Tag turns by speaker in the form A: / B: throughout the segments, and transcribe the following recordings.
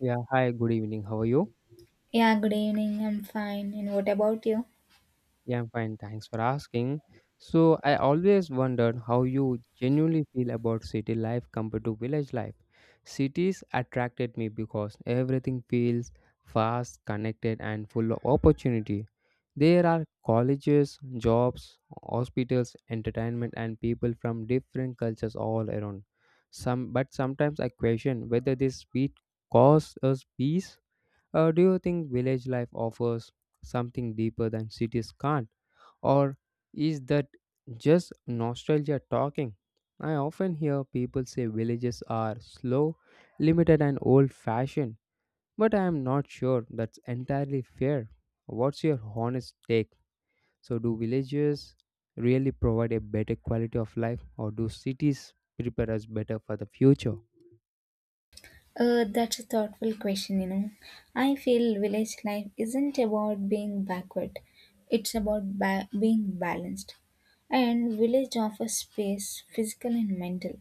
A: Yeah, hi, good evening. How are you?
B: Yeah, good evening. I'm fine. And what about you?
A: Yeah, I'm fine. Thanks for asking. So, I always wondered how you genuinely feel about city life compared to village life. Cities attracted me because everything feels fast, connected, and full of opportunity. There are colleges, jobs, hospitals, entertainment, and people from different cultures all around. Some, but sometimes I question whether this speed causes us peace. Do you think village life offers something deeper than cities can't? Or is that just nostalgia talking? I often hear people say villages are slow, limited, and old fashioned, but I am not sure that's entirely fair. What's your honest take? So, do villages really provide a better quality of life, or do cities prepare us better for the future?
B: That's a thoughtful question, you know. I feel village life isn't about being backward, it's about being balanced. And village offers space, physical and mental.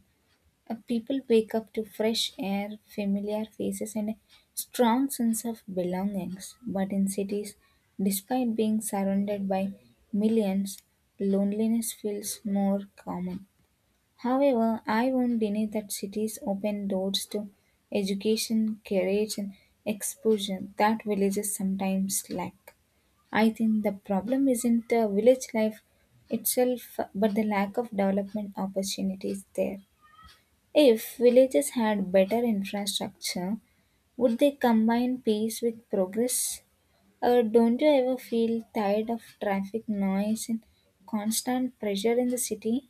B: People wake up to fresh air, familiar faces, and a strong sense of belongings. But in cities, despite being surrounded by millions, loneliness feels more common. However, I won't deny that cities open doors to education, courage, and exposure that villages sometimes lack. I think the problem isn't the village life itself, but the lack of development opportunities there. If villages had better infrastructure, would they combine peace with progress? Or don't you ever feel tired of traffic noise and constant pressure in the city?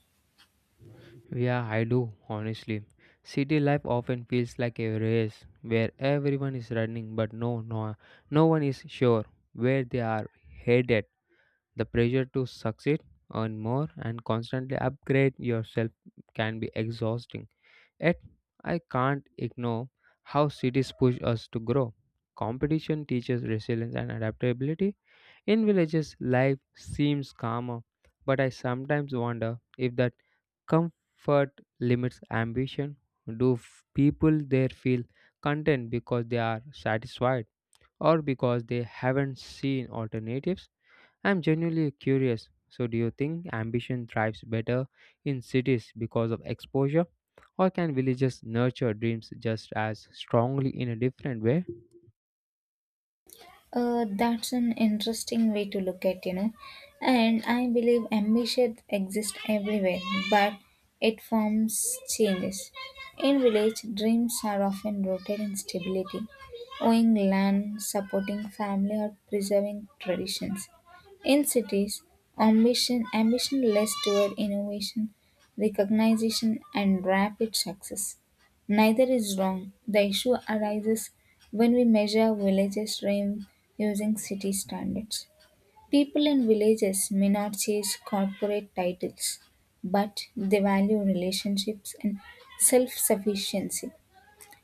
A: Yeah, I do, honestly. City life often feels like a race where everyone is running, but no one is sure where they are headed. The pressure to succeed, earn more, and constantly upgrade yourself can be exhausting. Yet I can't ignore how cities push us to grow. Competition teaches resilience and adaptability. In villages, life seems calmer, but I sometimes wonder if that comfort limits ambition. Do people there feel content because they are satisfied, or because they haven't seen alternatives? I'm genuinely curious. So, do you think ambition thrives better in cities because of exposure, or can villages nurture dreams just as strongly in a different way?
B: That's an interesting way to look at, you know. And I believe ambition exists everywhere, but it forms changes. In village, dreams are often rooted in stability, owning land, supporting family, or preserving traditions. In cities, ambition less toward innovation, recognition, and rapid success. Neither is wrong. The issue arises when we measure villages' rhyme using city standards. People in villages may not chase corporate titles, but they value relationships and self sufficiency.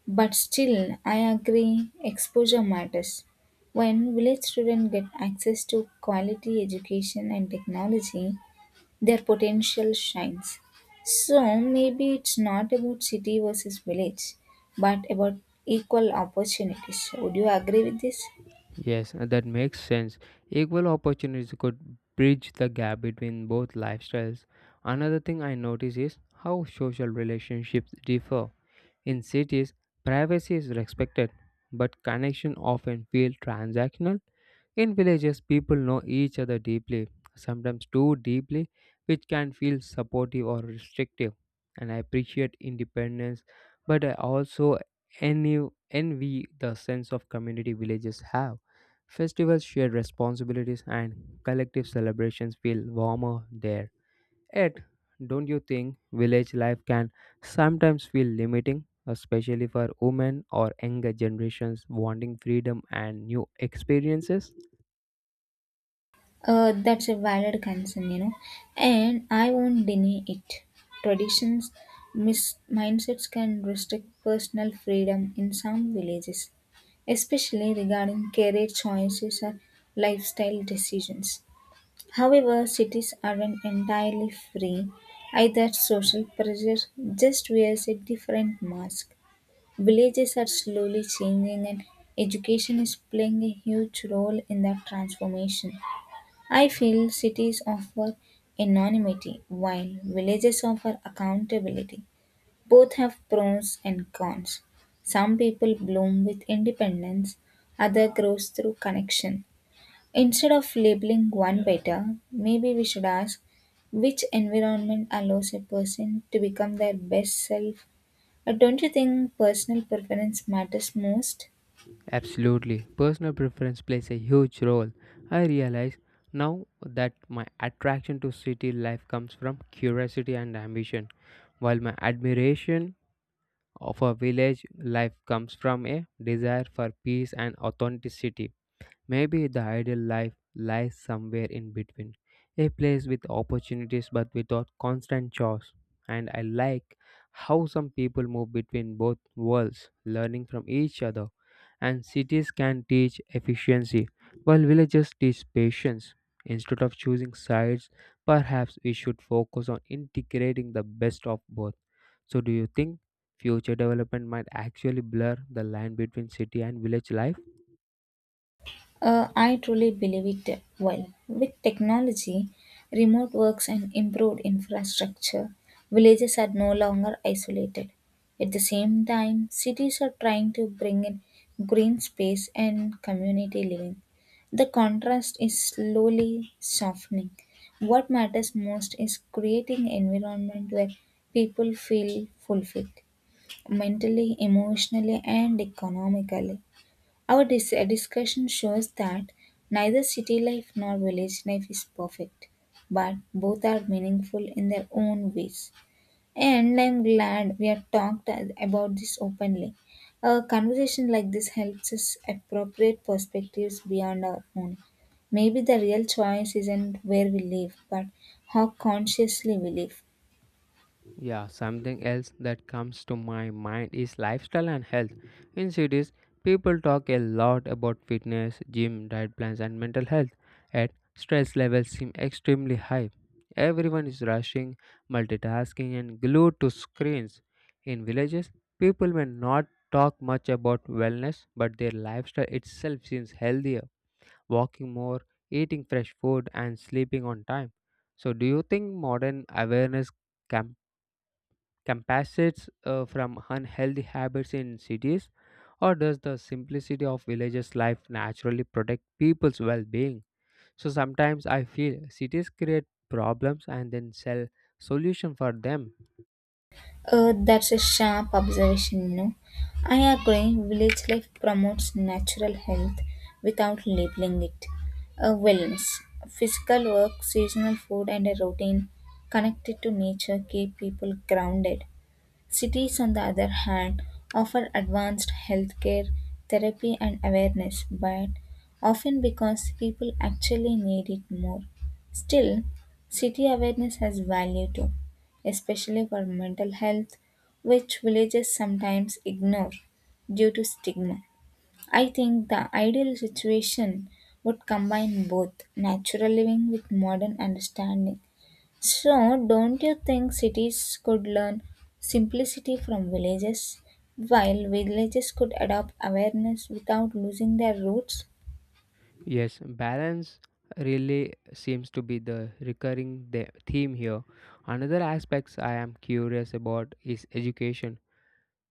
B: But still, I agree, exposure matters. When village children get access to quality education and technology, their potential shines. So maybe it's not about city versus village, but about equal opportunities. Would you agree with this?
A: Yes, and that makes sense. Equal opportunities could bridge the gap between both lifestyles. Another thing I notice is how social relationships differ. In cities, privacy is respected, but connection often feel transactional. In villages, people know each other deeply, sometimes too deeply, which can feel supportive or restrictive. And I appreciate independence, but I also envy, envy the sense of community villages have. Festivals, share responsibilities, and collective celebrations feel warmer there. Yet, don't you think village life can sometimes feel limiting, especially for women or younger generations wanting freedom and new experiences?
B: That's a valid concern, you know, and I won't deny it. Traditions, mindsets can restrict personal freedom in some villages, especially regarding career choices or lifestyle decisions. However, cities aren't entirely free either social pressure just wears a different mask. Villages are slowly changing and education is playing a huge role in that transformation. I feel cities offer anonymity while villages offer accountability. Both have pros and cons. Some people bloom with independence, others grows through connection. Instead of labeling one better, maybe we should ask which environment allows a person to become their best self. Don't you think personal preference matters most?
A: Absolutely. Personal preference plays a huge role. I realize now that my attraction to city life comes from curiosity and ambition, while my admiration of a village life comes from a desire for peace and authenticity. Maybe the ideal life lies somewhere in between, a place with opportunities but without constant chores. And I like how some people move between both worlds, learning from each other. And cities can teach efficiency, while villages teach patience. Instead of choosing sides, perhaps we should focus on integrating the best of both. So, do you think future development might actually blur the line between city and village life?
B: I truly believe it will. With technology, remote works, and improved infrastructure, villages are no longer isolated. At the same time, cities are trying to bring in green space and community living. The contrast is slowly softening. What matters most is creating environment where people feel fulfilled mentally, emotionally, and economically. Our discussion shows that neither city life nor village life is perfect, but both are meaningful in their own ways. And I'm glad we have talked about this openly. A conversation like this helps us appropriate perspectives beyond our own. Maybe the real choice isn't where we live, but how consciously we live.
A: Yeah, something else that comes to my mind is lifestyle and health. In cities, people talk a lot about fitness, gym, diet plans, and mental health, yet stress levels seem extremely high. Everyone is rushing, multitasking, and glued to screens. In villages, people may not talk much about wellness, but their lifestyle itself seems healthier, walking more, eating fresh food, and sleeping on time. So, do you think modern awareness campaigns compensates from unhealthy habits in cities, or does the simplicity of villages' life naturally protect people's well being? So sometimes I feel cities create problems and then sell solution for them.
B: That's a sharp observation, you know. I agree, village life promotes natural health without labeling it. Wellness, physical work, seasonal food, and a routine connected to nature keep people grounded. Cities, on the other hand, offer advanced healthcare, therapy, and awareness, but often because people actually need it more. Still, city awareness has value too, especially for mental health, which villages sometimes ignore due to stigma. I think the ideal situation would combine both natural living with modern understanding. So, don't you think cities could learn simplicity from villages, while villages could adopt awareness without losing their roots?
A: Yes, balance really seems to be the recurring theme here. Another aspects I am curious about is education.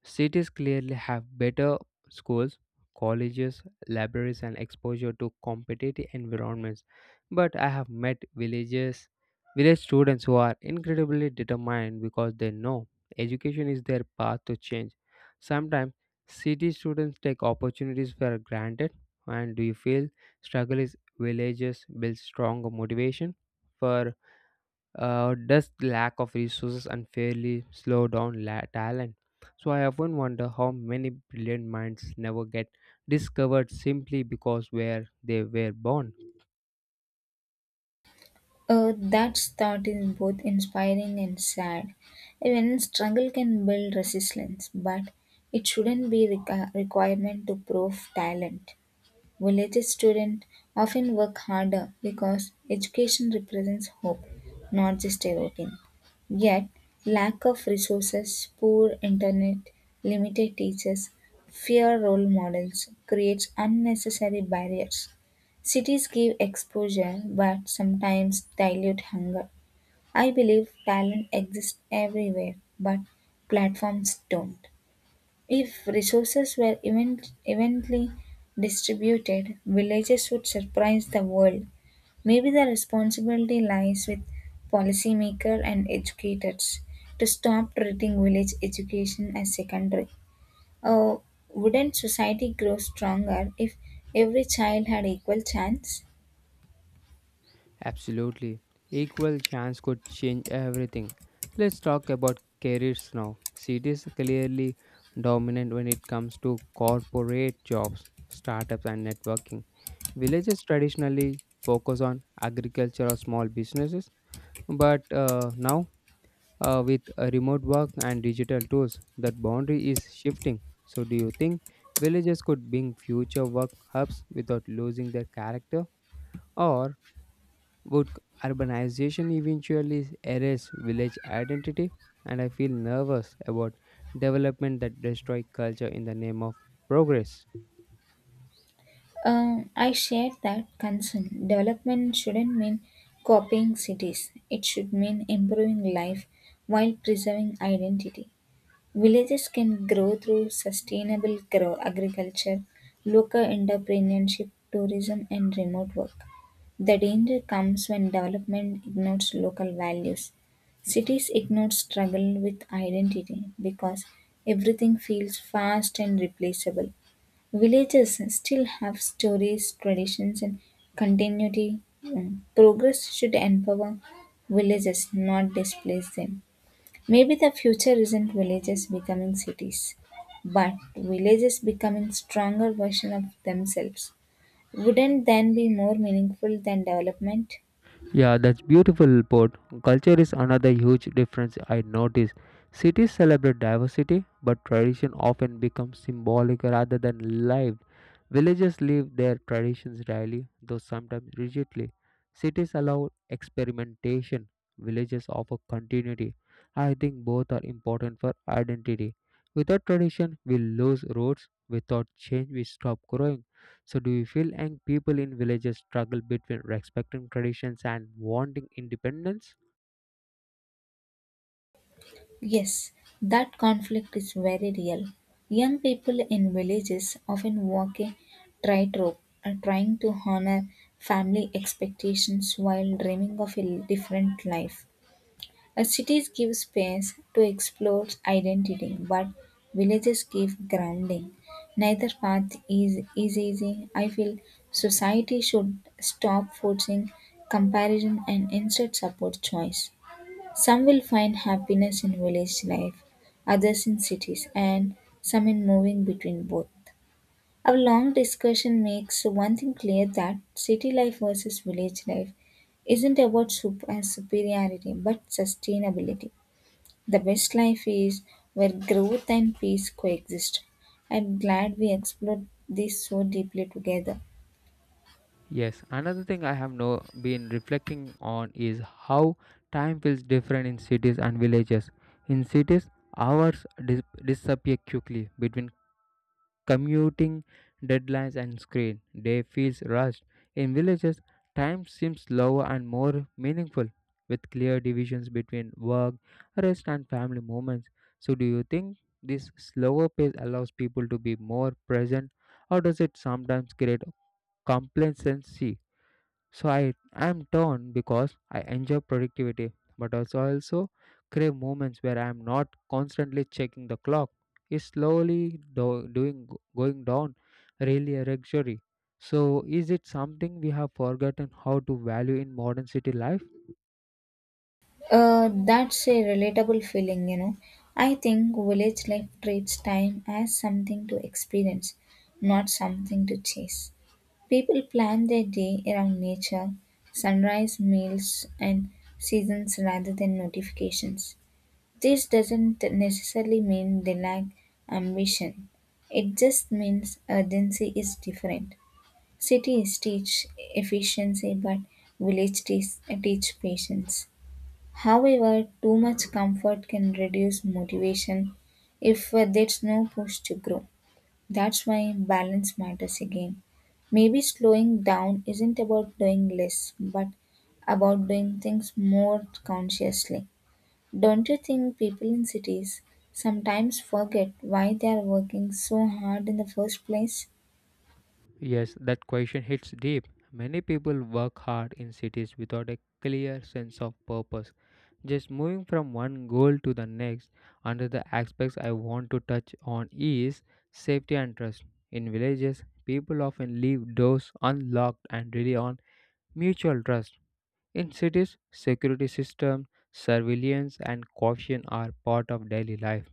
A: Cities clearly have better schools, colleges, libraries, and exposure to competitive environments. But I have met villages, village students who are incredibly determined because they know education is their path to change. Sometimes city students take opportunities for granted. And do you feel struggle is villages build strong motivation for, does lack of resources unfairly slow down talent? So I often wonder how many brilliant minds never get discovered simply because where they were born.
B: That thought is both inspiring and sad. Even struggle can build resilience, but it shouldn't be requirement to prove talent. Village students often work harder because education represents hope, not just a routine. Yet, lack of resources, poor internet, limited teachers, fear role models creates unnecessary barriers. Cities give exposure but sometimes dilute hunger. I believe talent exists everywhere, but platforms don't. If resources were evenly distributed, villages would surprise the world. Maybe the responsibility lies with policymakers and educators to stop treating village education as secondary. Uh, wouldn't society grow stronger if every child had equal chance?
A: Absolutely. Equal chance could change everything. Let's talk about careers now. Cities clearly dominant when it comes to corporate jobs, startups, and networking. Villages traditionally focus on agriculture or small businesses, but now, with remote work and digital tools, that boundary is shifting. So, do you think villages could bring future work hubs without losing their character, or would urbanization eventually erase village identity? And I feel nervous about development that destroy culture in the name of progress.
B: I share that concern. Development shouldn't mean copying cities, it should mean improving life while preserving identity. Villages can grow through sustainable grow agriculture, local entrepreneurship, tourism, and remote work. The danger comes when development ignores local values. Cities ignore struggle with identity because everything feels fast and replaceable. Villages still have stories, traditions, and continuity. Progress should empower villages, not displace them. Maybe the future isn't villages becoming cities, but villages becoming stronger version of themselves. Wouldn't then be more meaningful than development?
A: Yeah, that's beautiful port. Culture is another huge difference I notice. Cities celebrate diversity, but tradition often becomes symbolic rather than lived. Villages live their traditions daily, though sometimes rigidly. Cities allow experimentation, villages offer continuity. I think both are important for identity. Without tradition, we lose roots. Without change, we stop growing. So, do you feel young people in villages struggle between respecting traditions and wanting independence?
B: Yes, that conflict is very real. Young people in villages often walk a tightrope, trying to honor family expectations while dreaming of a different life. Cities give space to explore identity, but villages give grounding. Neither path is easy. I feel society should stop forcing comparison and instead support choice. Some will find happiness in village life, others in cities, and some in moving between both. Our long discussion makes one thing clear that city life versus village life isn't about super superiority but sustainability. The best life is where growth and peace coexist. I'm glad we explored this so deeply together.
A: Yes, another thing I have no been reflecting on is how time feels different in cities and villages. In cities, hours disappear quickly between commuting, deadlines, and screen. Day feels rushed. In villages, time seems slower and more meaningful, with clear divisions between work, rest, and family moments. So, do you think this slower pace allows people to be more present, or does it sometimes create complacency? So I am torn because I enjoy productivity, but also I also crave moments where I am not constantly checking the clock. Is slowly do- doing going down really a luxury? So is it something we have forgotten how to value in modern city life?
B: That's a relatable feeling, you know. I think village life treats time as something to experience, not something to chase. People plan their day around nature, sunrise meals, and seasons rather than notifications. This doesn't necessarily mean they lack ambition. It just means urgency is different. Cities teach efficiency, but village teach patience. However, too much comfort can reduce motivation if there's no push to grow. That's why balance matters again. Maybe slowing down isn't about doing less, but about doing things more consciously. Don't you think people in cities sometimes forget why they are working so hard in the first place?
A: Yes, that question hits deep. Many people work hard in cities without a clear sense of purpose, just moving from one goal to the next. Under the aspects I want to touch on is safety and trust. In villages, people often leave doors unlocked and rely on mutual trust. In cities, security systems, surveillance, and caution are part of daily life.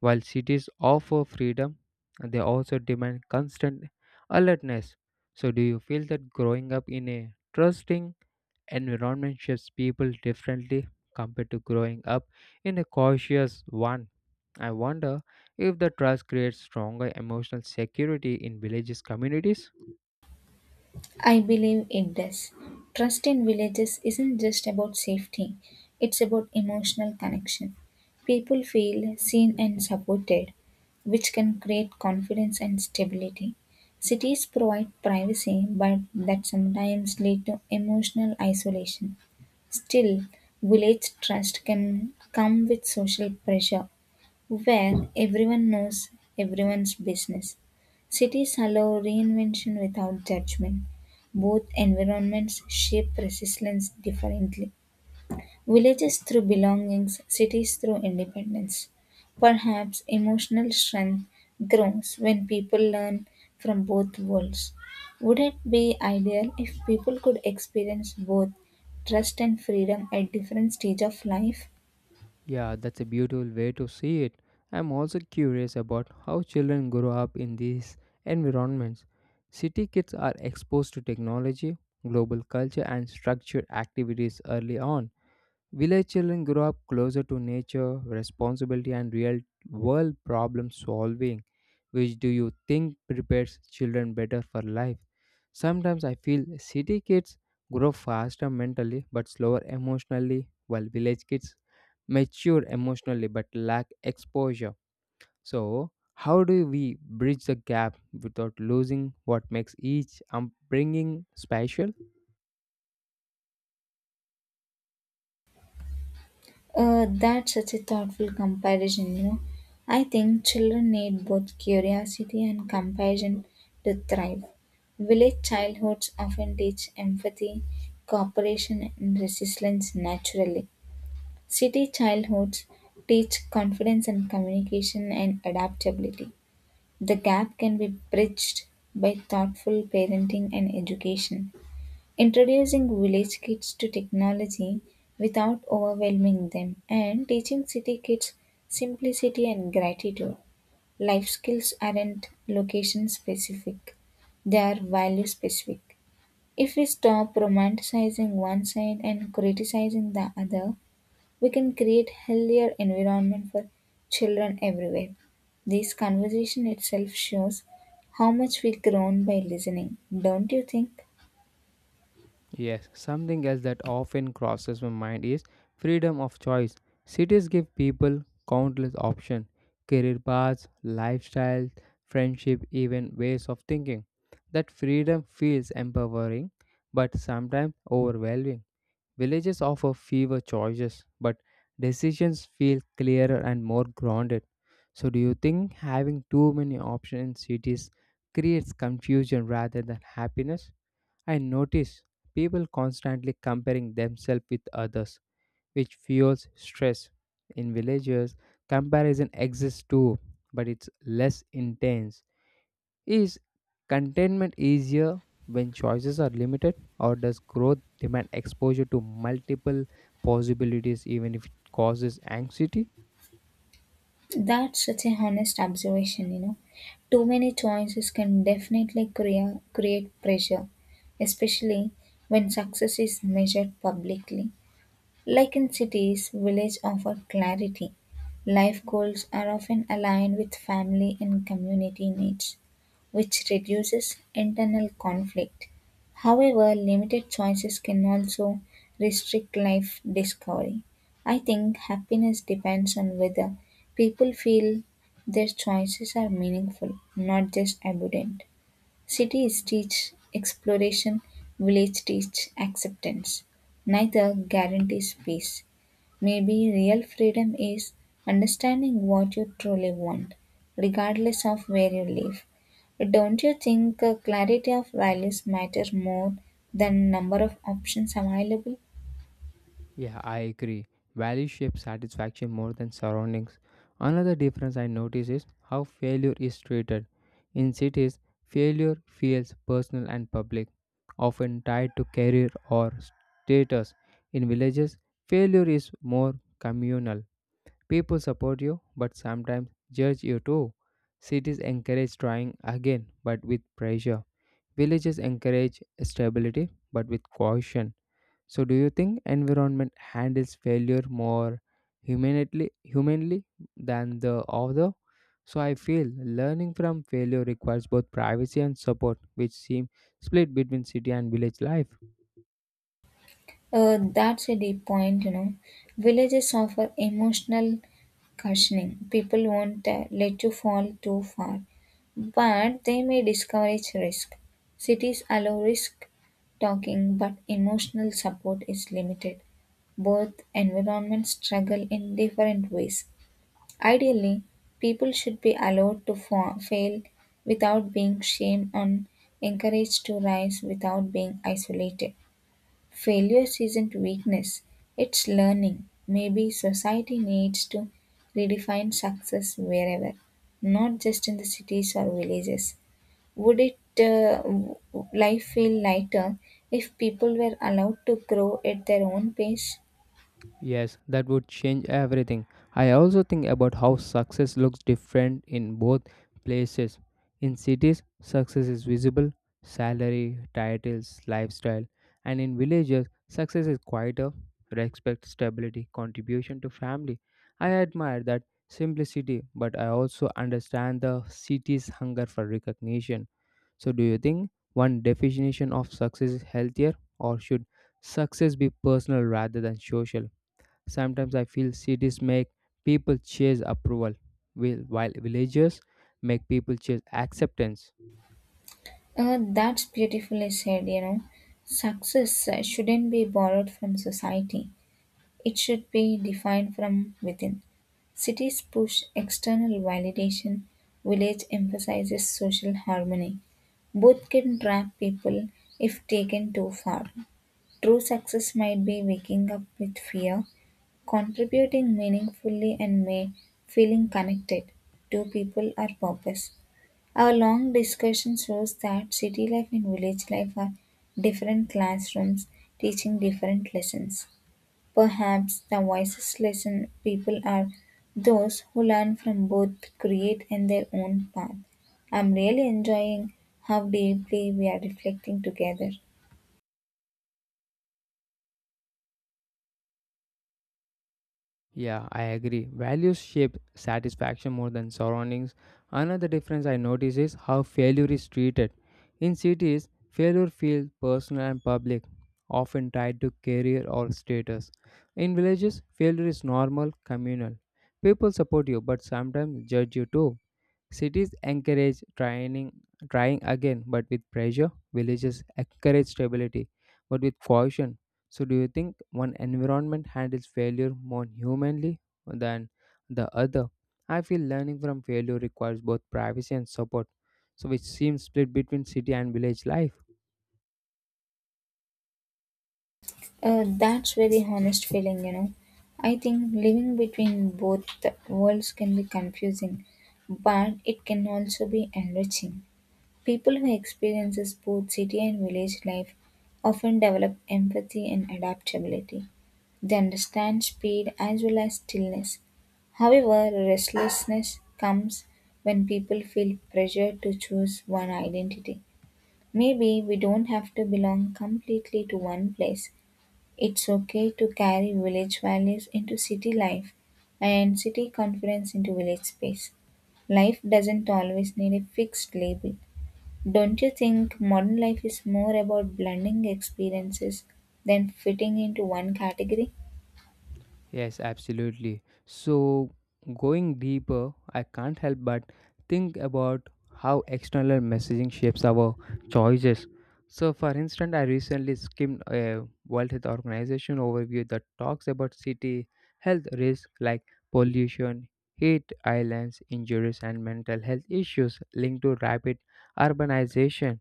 A: While cities offer freedom, they also demand constant alertness. So, do you feel that growing up in a trusting environment shapes people differently compared to growing up in a cautious one? I wonder if the trust creates stronger emotional security in villages communities.
B: I believe it does. Trust in villages isn't just about safety, it's about emotional connection. People feel seen and supported, which can create confidence and stability. Cities provide privacy, but that sometimes lead to emotional isolation. Still, village trust can come with social pressure where everyone knows everyone's business. Cities allow reinvention without judgment. Both environments shape resilience differently. Villages through belongings, cities through independence. Perhaps emotional strength grows when people learn from both worlds. Would it be ideal if people could experience both trust and freedom at different stages of life?
A: Yeah, that's a beautiful way to see it. I'm also curious about how children grow up in these environments. City kids are exposed to technology, global culture, and structured activities early on. Village children grow up closer to nature, responsibility, and real world problem solving. Which do you think prepares children better for life? Sometimes I feel city kids grow faster mentally but slower emotionally, while village kids mature emotionally but lack exposure. So, how do we bridge the gap without losing what makes each upbringing special?
B: That's such a thoughtful comparison, you know. I think children need both curiosity and compassion to thrive. Village childhoods often teach empathy, cooperation, and resilience naturally. City childhoods teach confidence and communication and adaptability. The gap can be bridged by thoughtful parenting and education. Introducing village kids to technology without overwhelming them and teaching city kids simplicity and gratitude. Life skills aren't location specific, they are value specific. If we stop romanticizing one side and criticizing the other, we can create healthier environment for children everywhere. This conversation itself shows how much we grown by listening, don't you think?
A: Yes, something else that often crosses my mind is freedom of choice. Cities give people countless options, career paths, lifestyles, friendship, even ways of thinking. That freedom feels empowering but sometimes overwhelming. Villages offer fewer choices, but decisions feel clearer and more grounded. So, do you think having too many options in cities creates confusion rather than happiness? I notice people constantly comparing themselves with others, which fuels stress. In villages, comparison exists too, but it's less intense. Is contentment easier when choices are limited, or does growth demand exposure to multiple possibilities even if it causes anxiety?
B: That's such a honest observation, you know. Too many choices can definitely create pressure, especially when success is measured publicly. Like in cities, villages offer clarity. Life goals are often aligned with family and community needs, which reduces internal conflict. However, limited choices can also restrict life discovery. I think happiness depends on whether people feel their choices are meaningful, not just abundant. Cities teach exploration, village teach acceptance. Neither guarantees peace. Maybe real freedom is understanding what you truly want, regardless of where you live. Don't you think clarity of values matters more than number of options available?
A: Yeah, I agree. Value shapes satisfaction more than surroundings. Another difference I notice is how failure is treated. In cities, failure feels personal and public, often tied to career or status. In villages, failure is more communal. People support you, but sometimes judge you too. Cities encourage trying again, but with pressure. Villages encourage stability, but with caution. So, do you think environment handles failure more humanly than the other? So, I feel learning from failure requires both privacy and support, which seem split between city and village life.
B: That's a deep point, you know. Villages offer emotional cushioning. People won't let you fall too far, but they may discourage risk. Cities allow risk talking, but emotional support is limited. Both environments struggle in different ways. Ideally, people should be allowed to fail without being shamed and encouraged to rise without being isolated. Failure isn't weakness, it's learning. Maybe society needs to redefine success wherever, not just in the cities or villages. Would it life feel lighter if people were allowed to grow at their own pace?
A: Yes, that would change everything. I also think about how success looks different in both places. In cities, success is visible: salary, titles, lifestyle. And in villages, success is quieter: respect, stability, contribution to family. I admire that simplicity, but I also understand the city's hunger for recognition. So, do you think one definition of success is healthier, or should success be personal rather than social? Sometimes I feel cities make people chase approval, while villages make people chase acceptance.
B: That's beautifully said, you know. Success shouldn't be borrowed from society. It should be defined from within. Cities push external validation, village emphasizes social harmony. Both can trap people if taken too far. True success might be waking up with fear, contributing meaningfully, and may feeling connected to people or purpose. Our long discussion shows that city life and village life are different classrooms teaching different lessons. Perhaps the wisest lesson people are those who learn from both create and their own path. I'm really enjoying how deeply we are reflecting together.
A: Yeah, I agree. Values shape satisfaction more than surroundings. Another difference I notice is how failure is treated. In cities, failure feels personal and public, often tied to career or status. In villages, failure is normal, communal. People support you, but sometimes judge you too. Cities encourage trying again, but with pressure. Villages encourage stability, but with caution. So, do you think one environment handles failure more humanly than the other? I feel learning from failure requires both privacy and support, so which seems split between city and village life.
B: That's very honest feeling, you know. I think living between both worlds can be confusing, but it can also be enriching. People who experiences both city and village life often develop empathy and adaptability. They understand speed as well as stillness. However, restlessness comes when people feel pressure to choose one identity. Maybe we don't have to belong completely to one place. It's okay to carry village values into city life and city confidence into village space. Life doesn't always need a fixed label. Don't you think modern life is more about blending experiences than fitting into one category?
A: Yes, absolutely. So, going deeper, I can't help but think about how external messaging shapes our choices. So, for instance, I recently skimmed a World Health Organization overview that talks about city health risks like pollution, heat islands, injuries, and mental health issues linked to rapid urbanization.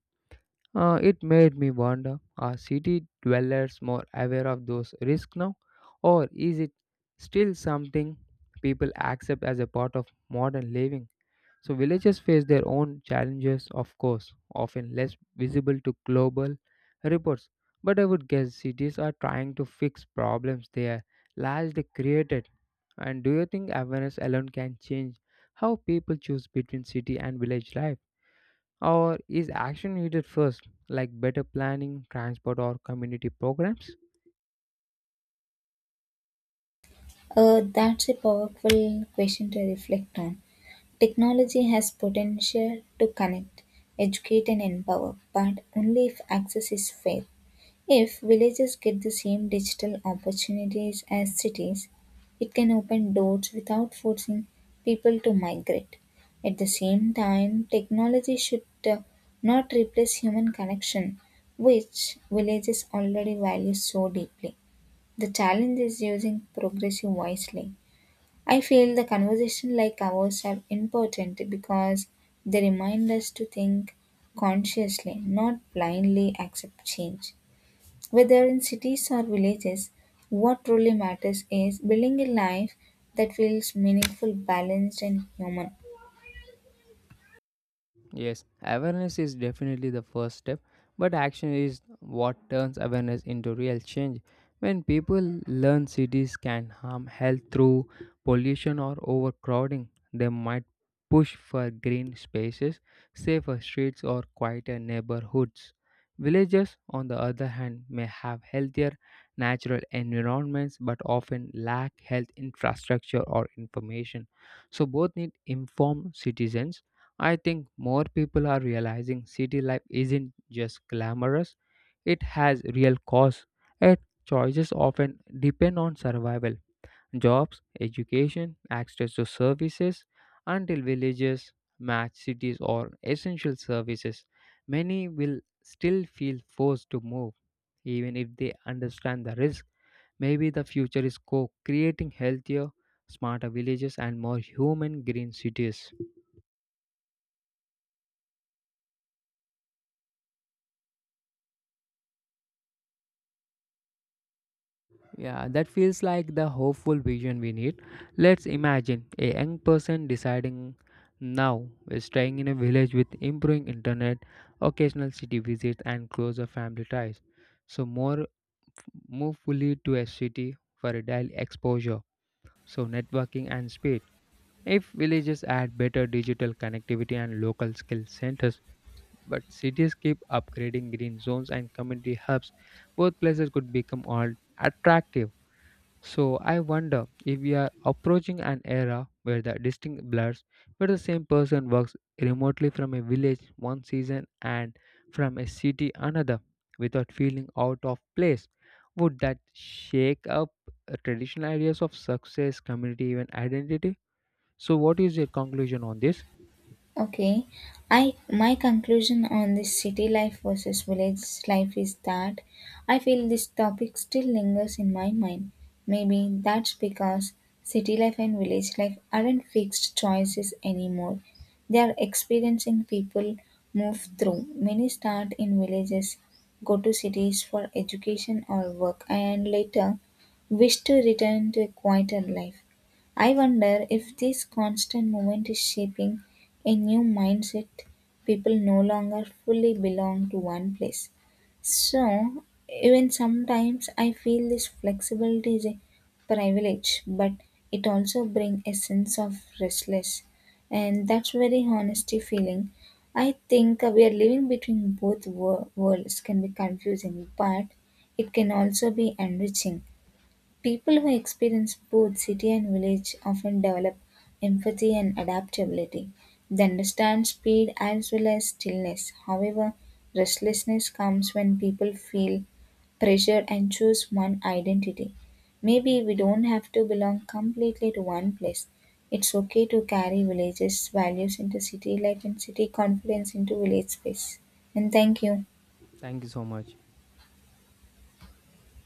A: It made me wonder, are city dwellers more aware of those risks now, or is it still something people accept as a part of modern living? So, villages face their own challenges, of course, often less visible to global reports. But I would guess cities are trying to fix problems they are largely created. And do you think awareness alone can change how people choose between city and village life? Or is action needed first, like better planning, transport, or community programs?
B: That's a powerful question to reflect on. Technology has potential to connect, educate, and empower, but only if access is fair. If villages get the same digital opportunities as cities, it can open doors without forcing people to migrate. At the same time, technology should uh, not replace human connection, which villages already value so deeply. The challenge is using progressive wisely. I feel the conversation like ours are important because they remind us to think consciously, not blindly accept change. Whether in cities or villages, what truly matters is building a life that feels meaningful, balanced, and human.
A: Yes, awareness is definitely the first step, but action is what turns awareness into real change. When people learn cities can harm health through pollution or overcrowding, they might push for green spaces, safer streets, or quieter neighborhoods. Villages, on the other hand, may have healthier natural environments but often lack health infrastructure or information. So, both need informed citizens. I think more people are realizing city life isn't just glamorous, it has real costs, and choices often depend on survival. Jobs, education, access to services, until villages match cities or essential services, many will still feel forced to move, even if they understand the risk. Maybe the future is co creating healthier, smarter villages and more human green cities. Yeah, that feels like the hopeful vision we need. Let's imagine a young person deciding now is staying in a village with improving internet, occasional city visits, and closer family ties. So more move fully to a city for a daily exposure, so networking and speed. If villages add better digital connectivity and local skill centers, but cities keep upgrading green zones and community hubs, both places could become all attractive. So I wonder if we are approaching an era where the distinct blurs, where the same person works remotely from a village one season and from a city another without feeling out of place. Would that shake up traditional ideas of success, community, even identity? So, what is your conclusion on this?
B: Okay. I my conclusion on this city life versus village life is that I feel this topic still lingers in my mind. Maybe that's because city life and village life aren't fixed choices anymore. They are experiencing people move through. Many start in villages, go to cities for education or work, and later wish to return to a quieter life. I wonder if this constant movement is shaping a new mindset. People no longer fully belong to one place. So, even sometimes I feel this flexibility is a privilege, but it also brings a sense of restless, and that's very honesty feeling. I think we are living between both worlds can be confusing, but it can also be enriching. People who experience both city and village often develop empathy and adaptability. They understand speed as well as stillness. However, restlessness comes when people feel pressure and choose one identity. Maybe we don't have to belong completely to one place. It's okay to carry villages' values into city life and city confidence into village space. And thank you.
A: Thank you so much.